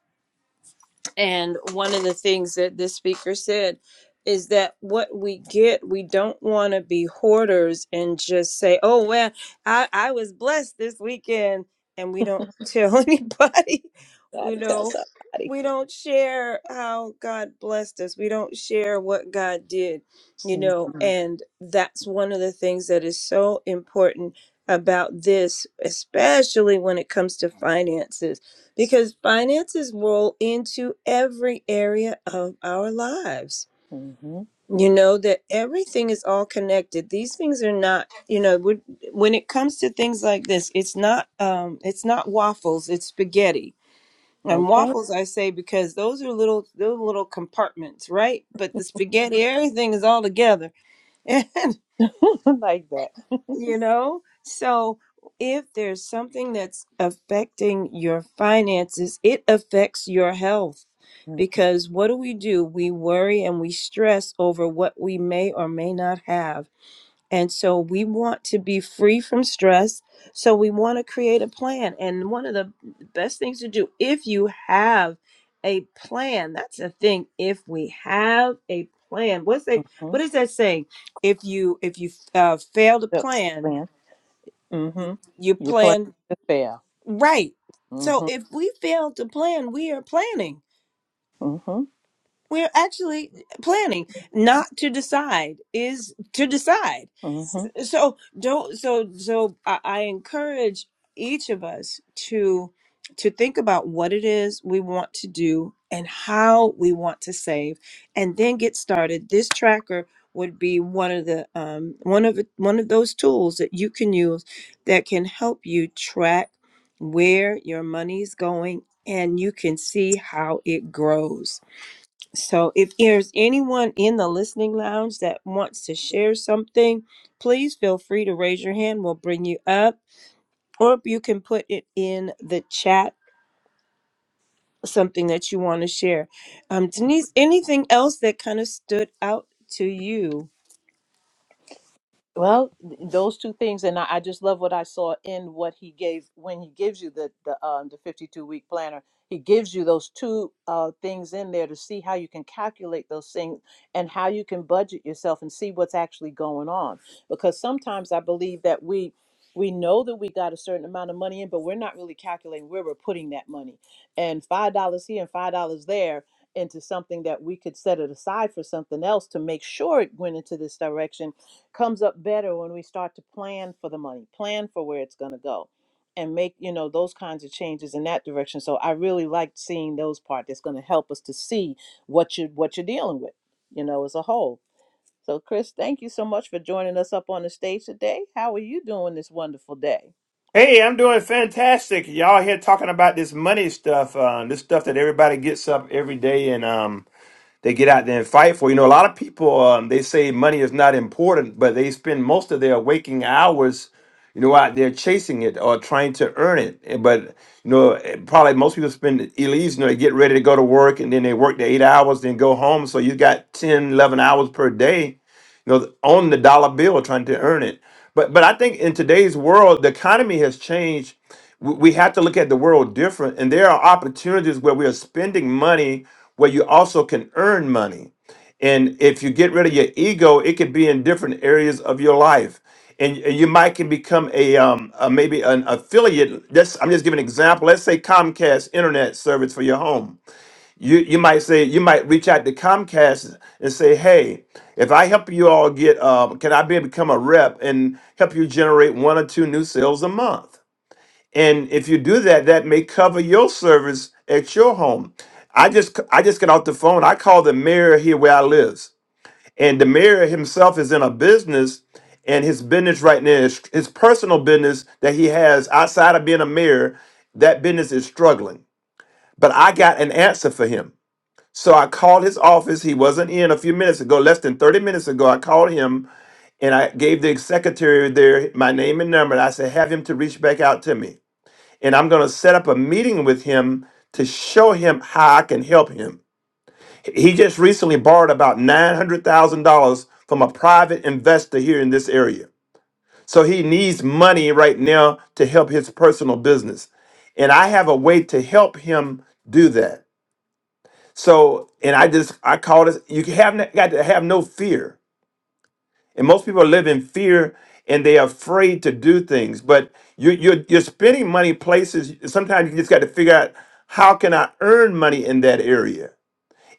Speaker 1: And one of the things that this speaker said is that what we get, we don't want to be hoarders and just say, oh, well, I, I was blessed this weekend. And we don't tell anybody,
Speaker 2: Got
Speaker 1: you
Speaker 2: to tell
Speaker 1: know,
Speaker 2: somebody.
Speaker 1: we don't share how God blessed us. We don't share what God did, you know,
Speaker 2: hmm
Speaker 1: and that's one of the things that is so important about this, especially when it comes to finances because finances roll into every area of our lives. You know that everything is all connected. These things are not, you know, would- when it comes to things like this, it's not, um, it's not waffles, it's spaghetti. And
Speaker 2: Okay.
Speaker 1: waffles, I say, because those are little, those little compartments, right? But the spaghetti, everything is all together.
Speaker 2: like that.
Speaker 1: you know? So if there's something that's affecting your finances, it affects your health.
Speaker 2: Mm-hmm.
Speaker 1: Because what do we do? We worry and we stress over what we may or may not have. And so we want to be free from stress. So we want to create a plan. And one of the best things to do, if you have a plan, that's the thing. If we have a plan, what's that? What is that saying? If you if you uh, fail to
Speaker 2: Yep.
Speaker 1: plan,
Speaker 2: Plan. Mm-hmm.
Speaker 1: you
Speaker 2: You plan
Speaker 1: plan
Speaker 2: to fail.
Speaker 1: right. So
Speaker 2: Mm-hmm.
Speaker 1: if we fail to plan, we are planning.
Speaker 2: Mm-hmm.
Speaker 1: We're actually eh, planning not to decide is to decide
Speaker 2: Mm-hmm.
Speaker 1: so don't so so I, I encourage each of us to to think about what it is we want to do and how we want to save and then get started this tracker would be one of the um, one of the- one of those tools that you can use that can help you track where your money's going and you can see how it grows so, if there's anyone in the listening lounge that wants to share something, please feel free to raise your hand. We'll bring you up, or you can put it in the chat, something that you want to share. Um, Denise, anything else that kind of stood out to you?
Speaker 2: Well, those two things, and I, I just love what I saw in what he gave when he gives you the the um, the fifty two week planner. He gives you those two uh, things in there to see how you can calculate those things and how you can budget yourself and see what's actually going on. Because sometimes I believe that we we know that we got a certain amount of money in, but we're not really calculating where we're putting that money. And five dollars here and five dollars there into something that we could set it aside for something else to make sure it went into this direction comes up better when we start to plan for the money, plan for where it's going to go, and make you know those kinds of changes in that direction. So I really liked seeing those part that's going to help us to see what you what you're dealing with, you know, as a whole. So Chris, thank you so much for joining us up on the stage today. How are you doing this wonderful day?
Speaker 3: Hey, I'm doing fantastic. Y'all here talking about this money stuff, uh, this stuff that everybody gets up every day and um, they get out there and fight for. You know, a lot of people um, they say money is not important, but they spend most of their waking hours, you know, out there chasing it or trying to earn it. And- But you know, eh, probably most people spend illegal. You know, they get ready to go to work and then they work the eight hours, then go home. So you got 10, 11 hours per day, you know, on the dollar bill trying to earn it. But but I think in today's world, the economy has changed we we have to look at the world different and there are opportunities where we are spending money where you also can earn money and if you get rid of your ego it could be in different areas of your life and, and you might can become a, um, a maybe an affiliate that's i'm just giving an example let's say comcast internet service for your home you, you might say you might reach out to comcast and say hey if i help you all get uh, can i be become a rep and help you generate one or two new sales a month and if you do that, that may cover your service at your home. I just I just got off the phone. I called the mayor here where I live. And the mayor himself is in a business, and his business right now is his personal business that he has outside of being a mayor, that business is struggling. But I got an answer for him. So I called his office. He wasn't in a few minutes ago, less than 30 minutes ago. I called him and I gave the secretary there my name and number. And I said, have him to reach back out to me and I'm going to set up a meeting with him to show him how I can help him. He just recently borrowed about $900,000 from a private investor here in this area. So he needs money right now to help his personal business. And I have a way to help him do that. So, and I just, I call this, you can have, got to have no fear. And most people live in fear and they're afraid to do things. But you're, you're, you're spending money places. Sometimes you just got to figure out how can I earn money in that area?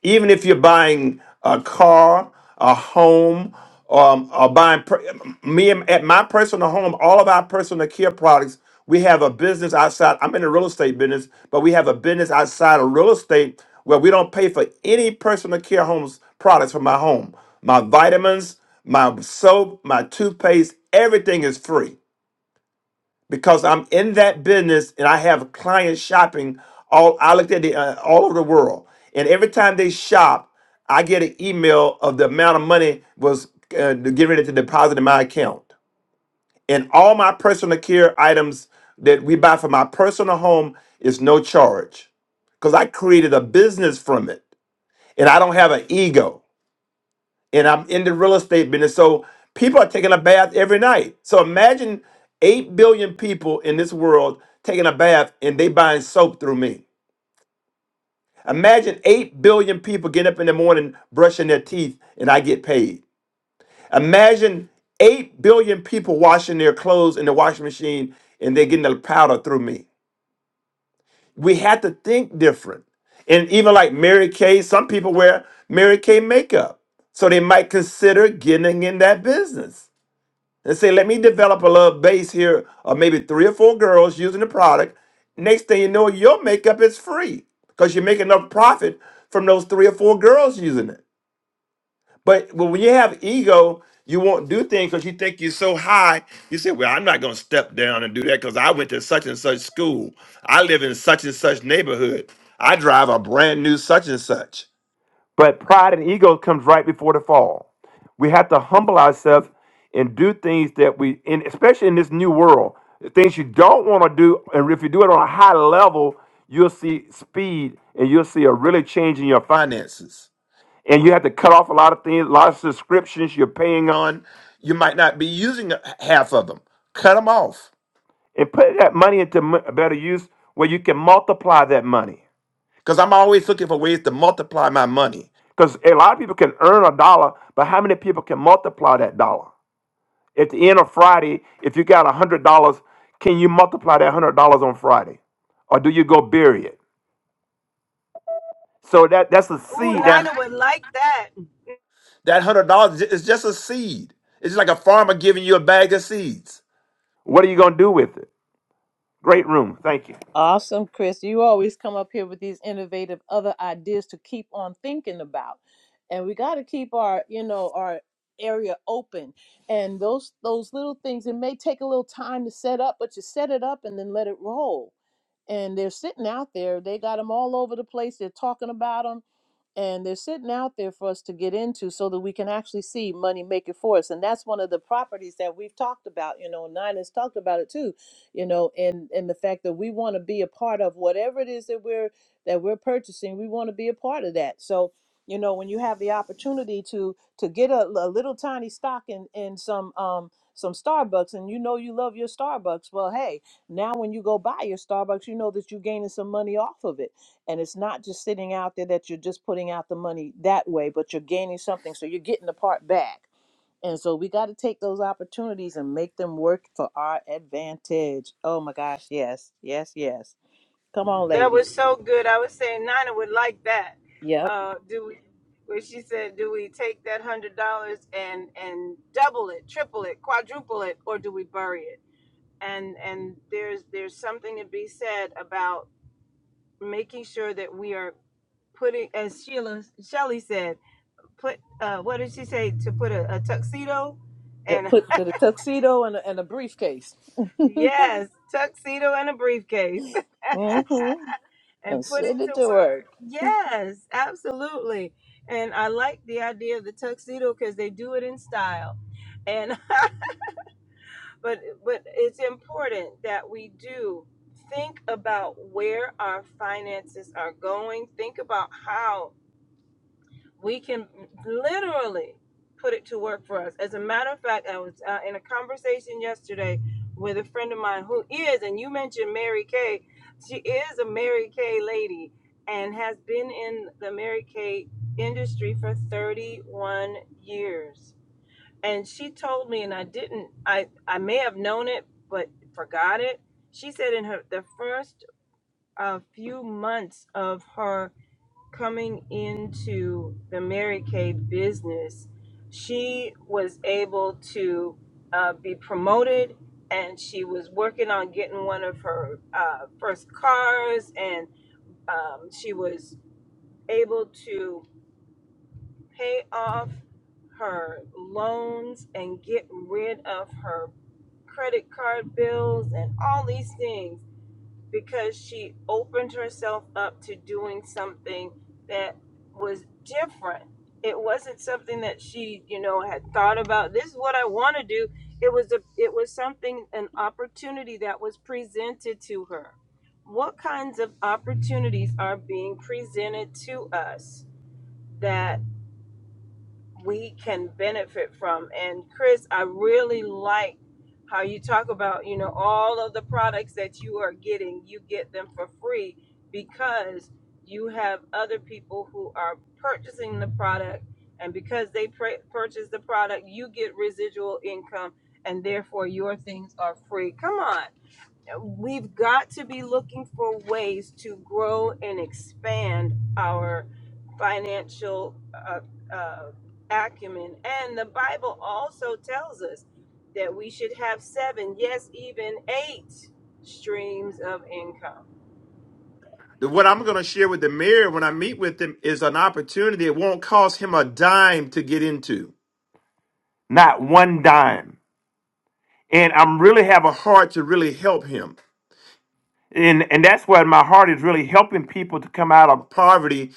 Speaker 3: Even if you're buying a car, a home, um, or buying per- me and- at my personal home, all of our personal care products, we have a business outside. I'm in the real estate business, but we have a business outside of real estate where we don't pay for any personal care homes products for my home. My vitamins, my soap, my toothpaste, everything is free because I'm in that business and I have clients shopping all I looked at the, uh, all over the world. And every time they shop, I get an email of the amount of money was uh, getting ready to deposit in my account. And all my personal care items that we buy for my personal home is no charge because I created a business from it and I don't have an ego and I'm in the real estate business. So people are taking a bath every night. So imagine 8 billion people in this world taking a bath and they buying soap through me. Imagine 8 billion people getting up in the morning brushing their teeth and I get paid. Imagine 8 billion people washing their clothes in the washing machine and they're getting the powder through me. We have to think different. And even like Mary Kay, some people wear Mary Kay makeup. So they might consider getting in that business. and say, let me develop a little base here of maybe three or four girls using the product. Next thing you know, your makeup is free because you make enough profit from those three or four girls using it. But, but when you have ego, you won't do things because you think you're so high. You say, well, I'm not going to step down and do that because I went to such and such school. I live in such and such neighborhood. I drive a brand new such and such. But pride and ego comes right before the fall. We have to humble ourselves and do things that we, and especially in this new world, things you don't want to do. And if you do it on a high level, you'll see speed and you'll see a really change in your finances. And you have to cut off a lot of things, a lot of subscriptions you're paying on. You might not be using uh, half of them. Cut them off and put that money into m- better use where you can multiply that money because I'm always looking for ways to multiply my money. Because a lot of people can earn a dollar, but how many people can multiply that dollar? At the end of Friday, if you got $100, can you multiply that $100 on Friday? Or do you go bury it? So that, that's a
Speaker 1: Ooh,
Speaker 3: seed. That,
Speaker 1: Nina would like that.
Speaker 3: that $100 is ju- is just a seed. It's just like a farmer giving you a bag of seeds. What are you going to do with it? Great room. Thank you.
Speaker 2: Awesome, Chris. You always come up here with these innovative other ideas to keep on thinking about. And we got to keep our, you know, our area open. And those those little things it may take a little time to set up, but you set it up and then let it roll. And they're sitting out there. They got them all over the place. They're talking about them and they're sitting out there for us to get into so that we can actually see money make it for us and that's one of the properties that we've talked about you know and nine has talked about it too you know and and the fact that we want to be a part of whatever it is that we're that we're purchasing we want to be a part of that so you know when you have the opportunity to to get a, a little tiny stock in in some um some starbucks and you know you love your starbucks well hey now when you go buy your starbucks you know that you're gaining some money off of it and it's not just sitting out there that you're just putting out the money that way but you're gaining something so you're getting the part back and so we got to take those opportunities and make them work for our advantage oh my gosh yes yes yes come on
Speaker 1: That
Speaker 2: lady
Speaker 1: was so good. I was saying Nina would like that.
Speaker 2: yep
Speaker 1: Uh, do we? When she said, "Do we take that hundred dollars and and double it, triple it, quadruple it, or do we bury it?" and and there's there's something to be said about making sure that we are putting as sheila Shelley said put uh what did she say to put a, a tuxedo
Speaker 2: Yep,
Speaker 1: and
Speaker 2: put, put a tuxedo and a, and a briefcase
Speaker 1: yes tuxedo and a briefcase
Speaker 2: hmm
Speaker 1: and
Speaker 2: and
Speaker 1: put it
Speaker 2: send
Speaker 1: to
Speaker 2: it to work
Speaker 1: work yes absolutely and i like the idea of the tuxedo because they do it in style and but but it's important that we do think about where our finances are going think about how we can literally put it to work for us as a matter of fact i was uh, in a conversation yesterday with a friend of mine who is and you mentioned mary kay she is a mary kay lady and has been in the mary kay industry for 31 years and she told me and i didn't i i may have known it but forgot it she said in her the first uh, few months of her coming into the mary kay business she was able to uh, be promoted and she was working on getting one of her uh, first cars and um, she was able to pay off her loans and get rid of her credit card bills and all these things because she opened herself up to doing something that was different. It wasn't something that she, you know, had thought about. This is what I want to do. It was a it was something an opportunity that was presented to her. What kinds of opportunities are being presented to us that we can benefit from. And Chris, I really like how you talk about, you know, all of the products that you are getting, you get them for free because you have other people who are purchasing the product. And because they pr- purchase the product, you get residual income and therefore your things are free. Come on we've got to be looking for ways to grow and expand our financial uh, uh, acumen. And the Bible also tells us that we should have seven, yes, even eight streams of income.
Speaker 3: The- What I'm going to share with the mayor when I meet with him is an opportunity. It won't cost him a dime to get into. not one dime. And I'm really have a heart to really help him. And and that's where my heart is really helping people to come out of poverty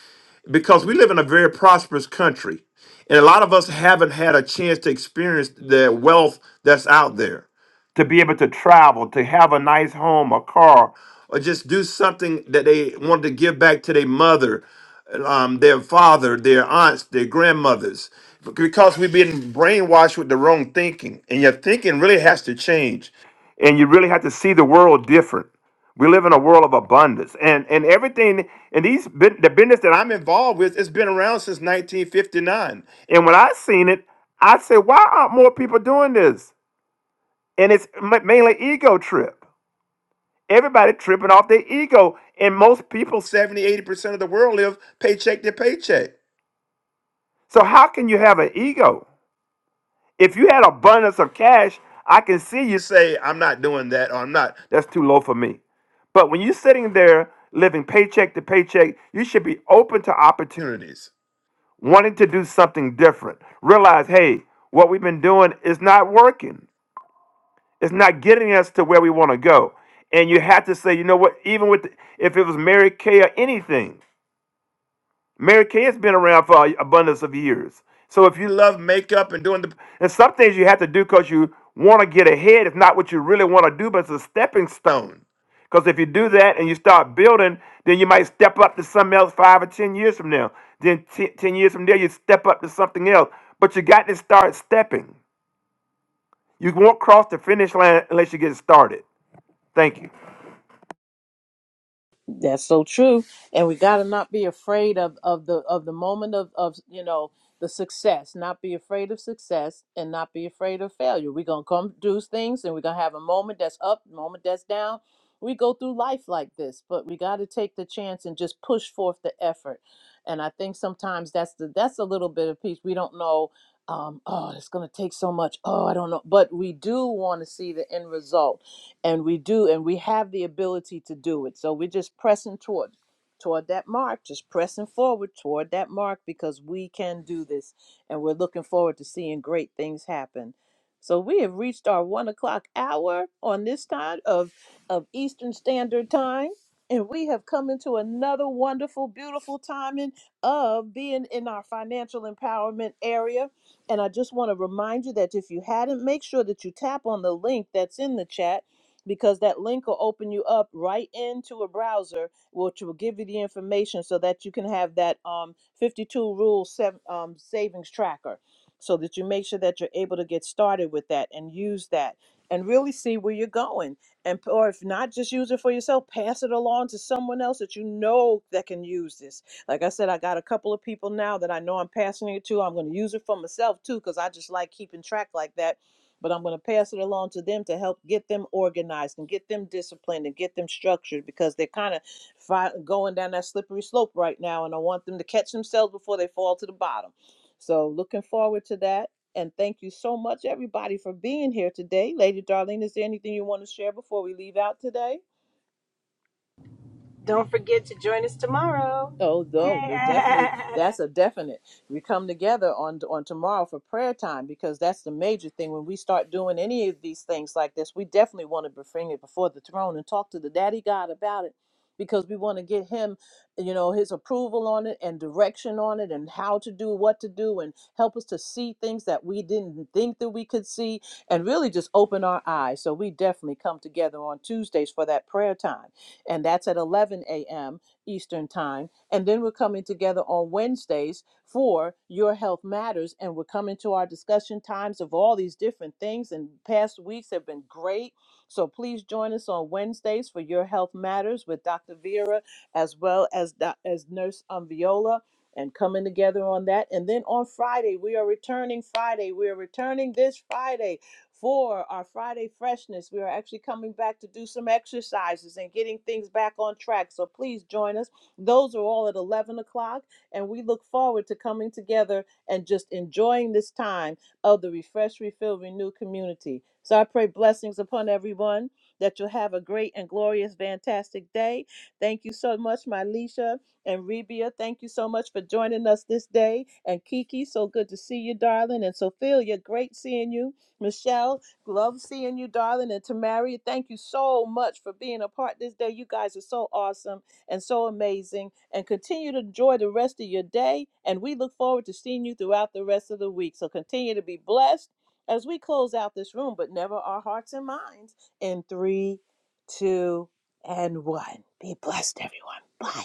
Speaker 3: because we live in a very prosperous country and a lot of us haven't had a chance to experience the wealth that's out there to be able to travel to have a nice home a car or just do something that they wanted to give back to their mother um, their father their aunts their grandmothers because we've been brainwashed with the wrong thinking and your thinking really has to change and you really have to see the world different we live in a world of abundance, and and everything and these bu- the business that I'm involved with, it's been around since 1959. And when I seen it, I said, "Why aren't more people doing this?" And it's ma- mainly ego trip. Everybody tripping off their ego, and most people, 70, 80 percent of the world live paycheck to paycheck. So how can you have an ego? If you had abundance of cash, I can see you say, I'm not doing that, or I'm not, that's too low for me. But when you're sitting there living paycheck to paycheck, you should be open to opportunities, wanting to do something different. Realize, hey, what we've been doing is not working. It's not getting us to where we want to go. And you have to say, you know what, even with if it was Mary Kay or anything, Mary Kay has been around for an abundance of years. So if you love makeup and doing the and some things you have to do because you want to get ahead, it's not what you really want to do, but it's a stepping stone. Because if you do that and you start building, then you might step up to something else five or ten years from now. Then te- ten years from there, you step up to something else. But you got to start stepping. You won't cross the finish line unless you get started. Thank you.
Speaker 2: That's so true. And we got to not be afraid of, of the of the moment of, of you know the success. Not be afraid of success and not be afraid of failure. We're gonna come do things and we're gonna have a moment that's up, moment that's down. We go through life like this, but we got to take the chance and just push forth the effort. And I think sometimes that's the that's a little bit of peace. We don't know. Um, oh, it's gonna take so much. Oh, I don't know, but we do want to see the end result and we do and we have the ability to do it so we're just pressing toward toward that mark just pressing forward toward that mark because we can do this and we're looking forward to seeing great things happen so we have reached our one o'clock hour on this time of of eastern standard time and we have come into another wonderful beautiful timing of being in our financial empowerment area and i just want to remind you that if you hadn't make sure that you tap on the link that's in the chat because that link will open you up right into a browser, which will give you the information so that you can have that um, 52 rule sev- um, savings tracker so that you make sure that you're able to get started with that and use that and really see where you're going and or if not just use it for yourself pass it along to someone else that you know that can use this like i said i got a couple of people now that i know i'm passing it to i'm going to use it for myself too because i just like keeping track like that but I'm going to pass it along to them to help get them organized and get them disciplined and get them structured because they're kind of fi- going down that slippery slope right now. And I want them to catch themselves before they fall to the bottom. So, looking forward to that. And thank you so much, everybody, for being here today. Lady Darlene, is there anything you want to share before we leave out today?
Speaker 1: Don't forget to join us tomorrow.
Speaker 2: Oh, though they definitely that's a definite. We come together on on tomorrow for prayer time because that's the major thing. When we start doing any of these things like this, we definitely want to bring it before the throne and talk to the Daddy God about it because we want to get him, you know, his approval on it and direction on it and how to do what to do and help us to see things that we didn't think that we could see and really just open our eyes. So we definitely come together on Tuesdays for that prayer time, and that's at 11 a.m. Eastern Time. And then we're coming together on Wednesdays for Your Health Matters. And we're coming to our discussion times of all these different things. And past weeks have been great. So please join us on Wednesdays for Your Health Matters with Dr. Vera as well as, doc- as Nurse um, Viola and coming together on that. And then on Friday, we are returning Friday. We are returning this Friday for our Friday freshness. We are actually coming back to do some exercises and getting things back on track. So please join us. Those are all at 11 o'clock, and we look forward to coming together and just enjoying this time of the Refresh, Refill, Renew community. So I pray blessings upon everyone that you'll have a great and glorious, fantastic day. Thank you so much, my and Rebia. Thank you so much for joining us this day. And Kiki, so good to see you, darling. And Sophia, great seeing you. Michelle, love seeing you, darling. And Tamaria, thank you so much for being a part this day. You guys are so awesome and so amazing. And continue to enjoy the rest of your day. And we look forward to seeing you throughout the rest of the week. So continue to be blessed as we close out this room, but never our hearts and minds. In three, two, and one. Be blessed, everyone. Bye.